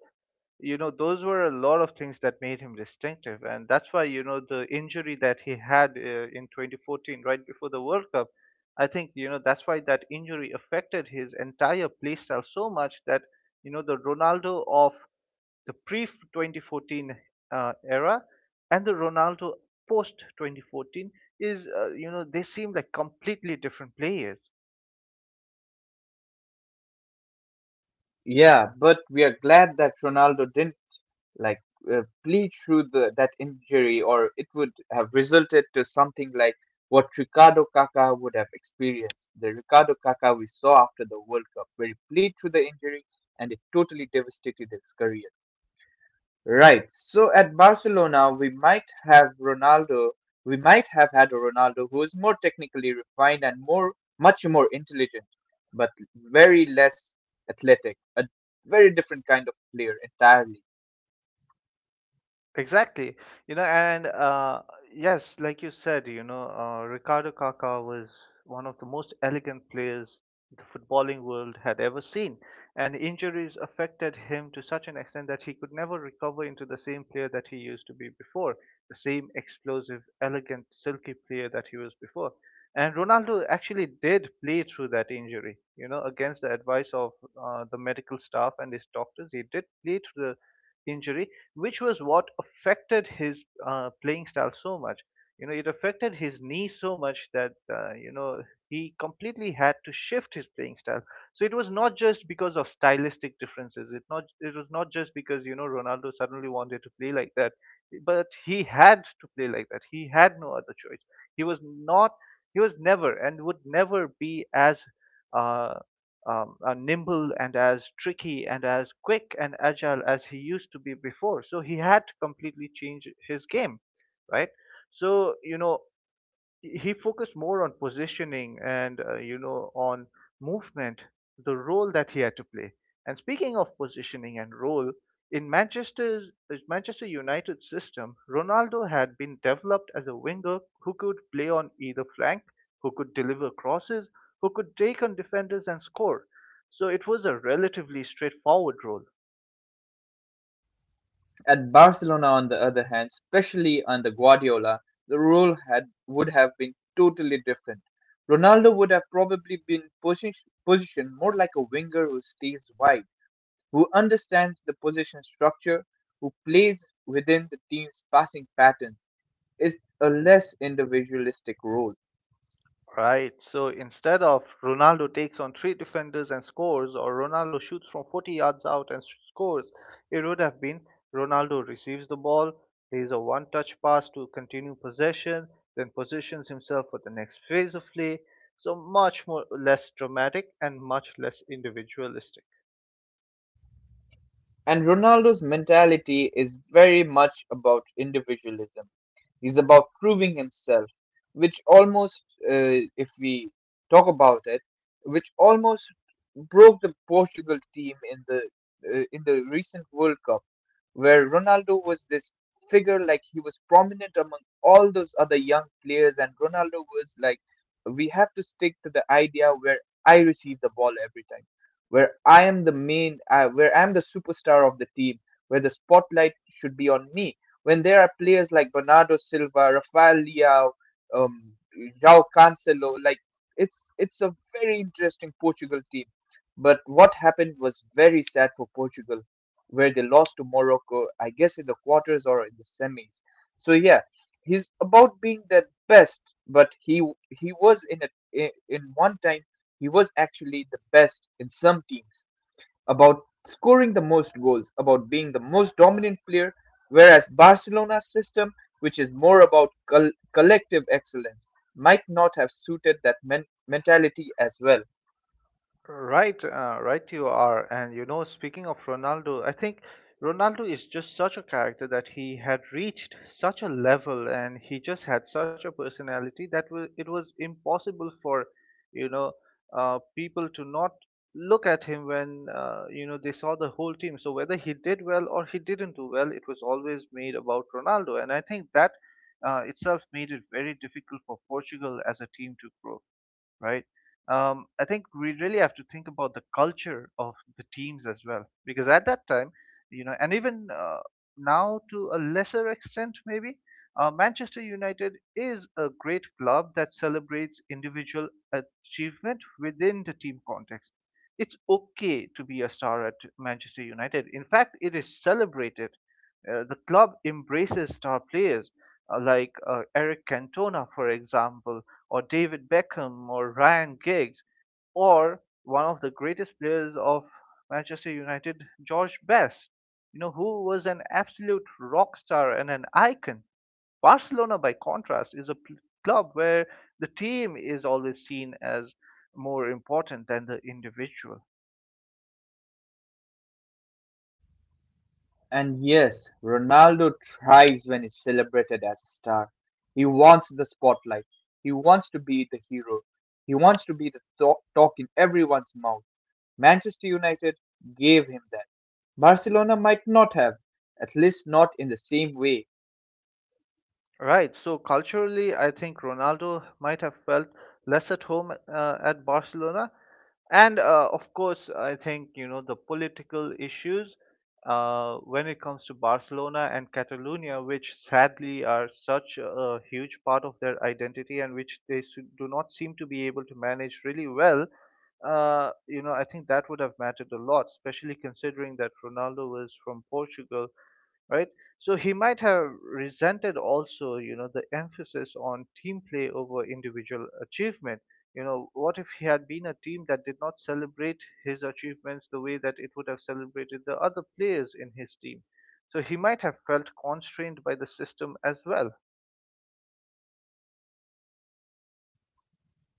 A: You know, those were a lot of things that made him distinctive, and that's why, you know, the injury that he had in 2014, right before the World Cup, I think, you know, that's why that injury affected his entire playstyle so much that you know the Ronaldo of the pre 2014 era and the Ronaldo post 2014 is you know, they seem like completely different players.
B: Yeah, but we are glad that Ronaldo didn't, like, bleed through that injury, or it would have resulted to something like what Ricardo Kaká would have experienced. The Ricardo Kaká we saw after the World Cup, where he bleed through the injury and it totally devastated his career. Right. So at Barcelona, we might have had a Ronaldo who is more technically refined and much more intelligent, but very less athletic. A very different kind of player entirely.
A: Exactly. You know, and yes, like you said, you know, Ricardo Kaká was one of the most elegant players the footballing world had ever seen. And injuries affected him to such an extent that he could never recover into the same player that he used to be before, the same explosive, elegant, silky player that he was before. And Ronaldo actually did play through that injury, you know, against the advice of the medical staff and his doctors. He did play through the injury, which was what affected his playing style so much. You know, it affected his knee so much that, you know, he completely had to shift his playing style. So it was not just because of stylistic differences. It was not just because you know Ronaldo suddenly wanted to play like that, but he had to play like that. He had no other choice. He was not. He was never and would never be as uh, nimble and as tricky and as quick and agile as he used to be before. So he had to completely change his game, right? So you know he focused more on positioning and, you know, on movement, the role that he had to play. And speaking of positioning and role, in Manchester United system, Ronaldo had been developed as a winger who could play on either flank, who could deliver crosses, who could take on defenders and score. So it was a relatively straightforward role.
B: At Barcelona, on the other hand, especially under Guardiola, the role had would have been totally different. Ronaldo would have probably been positioned more like a winger who stays wide, who understands the position structure, who plays within the team's passing patterns, is a less individualistic role.
A: Right. So instead of Ronaldo takes on three defenders and scores, or Ronaldo shoots from 40 yards out and scores, it would have been Ronaldo receives the ball, plays a one touch pass to continue possession, then positions himself for the next phase of play. So much more less dramatic and much less individualistic.
B: And Ronaldo's mentality is very much about individualism. He's about proving himself, which almost, if we talk about it, which almost broke the Portugal team in the, in the recent World Cup, where Ronaldo was this figure, like he was prominent among all those other young players, and Ronaldo was like, we have to stick to the idea where I receive the ball every time, where I am the main, where I am the superstar of the team, where the spotlight should be on me, when there are players like Bernardo Silva, Rafael Leao, um, João Cancelo, like it's a very interesting Portugal team. But what happened was very sad for Portugal, where they lost to Morocco, I guess, in the quarters or in the semis. So yeah, he's about being the best, but he was in a, in one time he was actually the best in some teams, about scoring the most goals, about being the most dominant player, whereas Barcelona's system, which is more about collective excellence, might not have suited that mentality as well.
A: Right, you are. And you know, speaking of Ronaldo, I think Ronaldo is just such a character that he had reached such a level, and he just had such a personality that it was impossible for, you know, people to not look at him when, you know, they saw the whole team. So whether he did well or he didn't do well, it was always made about Ronaldo. And I think that itself made it very difficult for Portugal as a team to grow, right? I think we really have to think about the culture of the teams as well, because at that time, you know, and even now to a lesser extent, maybe, Manchester United is a great club that celebrates individual achievement within the team context. It's okay to be a star at Manchester United. In fact, it is celebrated. The club embraces star players like Eric Cantona, for example, or David Beckham or Ryan Giggs, or one of the greatest players of Manchester United, George Best, you know, who was an absolute rock star and an icon. Barcelona, by contrast, is a club where the team is always seen as more important than the individual.
B: And yes, Ronaldo thrives when he's celebrated as a star. He wants the spotlight. He wants to be the hero. He wants to be the talk in everyone's mouth. Manchester United gave him that. Barcelona might not have, at least not in the same way.
A: Right. So culturally, I think Ronaldo might have felt less at home at Barcelona. And of course, I think, you know, the political issues when it comes to Barcelona and Catalonia, which sadly are such a huge part of their identity, and which they do not seem to be able to manage really well, you know, I think that would have mattered a lot, especially considering that Ronaldo was from Portugal, right? So he might have resented also, you know, the emphasis on team play over individual achievement. You know, what if he had been a team that did not celebrate his achievements the way that it would have celebrated the other players in his team? So he might have felt constrained by the system as well.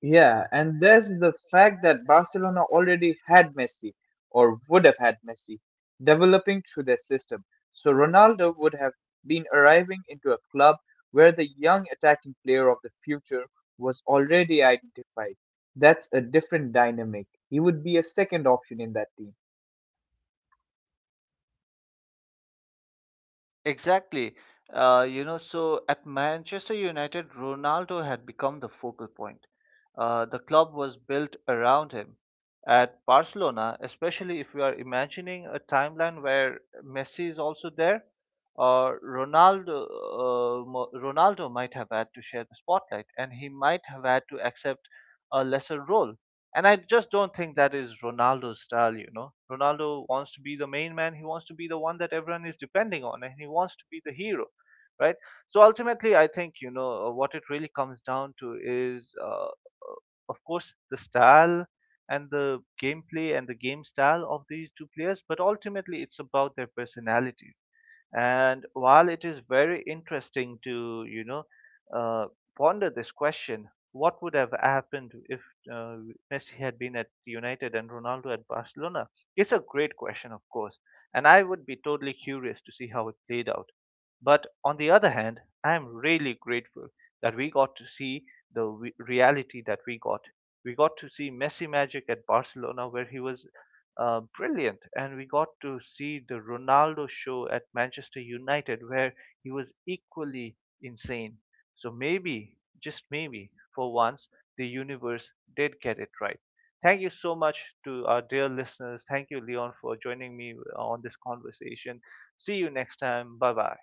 B: Yeah, and there's the fact that Barcelona already had Messi, or would have had Messi, developing through their system. So Ronaldo would have been arriving into a club where the young attacking player of the future was already identified. That's a different dynamic. He would be a second option in that team.
A: Exactly. You know, so at Manchester United, Ronaldo had become the focal point. The club was built around him. At Barcelona, especially if we are imagining a timeline where Messi is also there, Ronaldo might have had to share the spotlight, and he might have had to accept a lesser role. And I just don't think that is Ronaldo's style, you know. Ronaldo wants to be the main man. He wants to be the one that everyone is depending on, and he wants to be the hero, right? So ultimately, I think you know what it really comes down to is, of course, the style and the gameplay and the game style of these two players, but ultimately, it's about their personalities. And while it is very interesting to, you know, uh, ponder this question, what would have happened if uh, Messi had been at United and Ronaldo at Barcelona? It's a great question, of course, and I would be totally curious to see how it played out. But on the other hand, I am really grateful that we got to see the reality that we got. We got to see Messi magic at Barcelona, where he was brilliant, and we got to see the Ronaldo show at Manchester United, where he was equally insane. So maybe, just maybe, for once, the universe did get it right. Thank you so much to our dear listeners. Thank you, Leon, for joining me on this conversation. See you next time. Bye bye.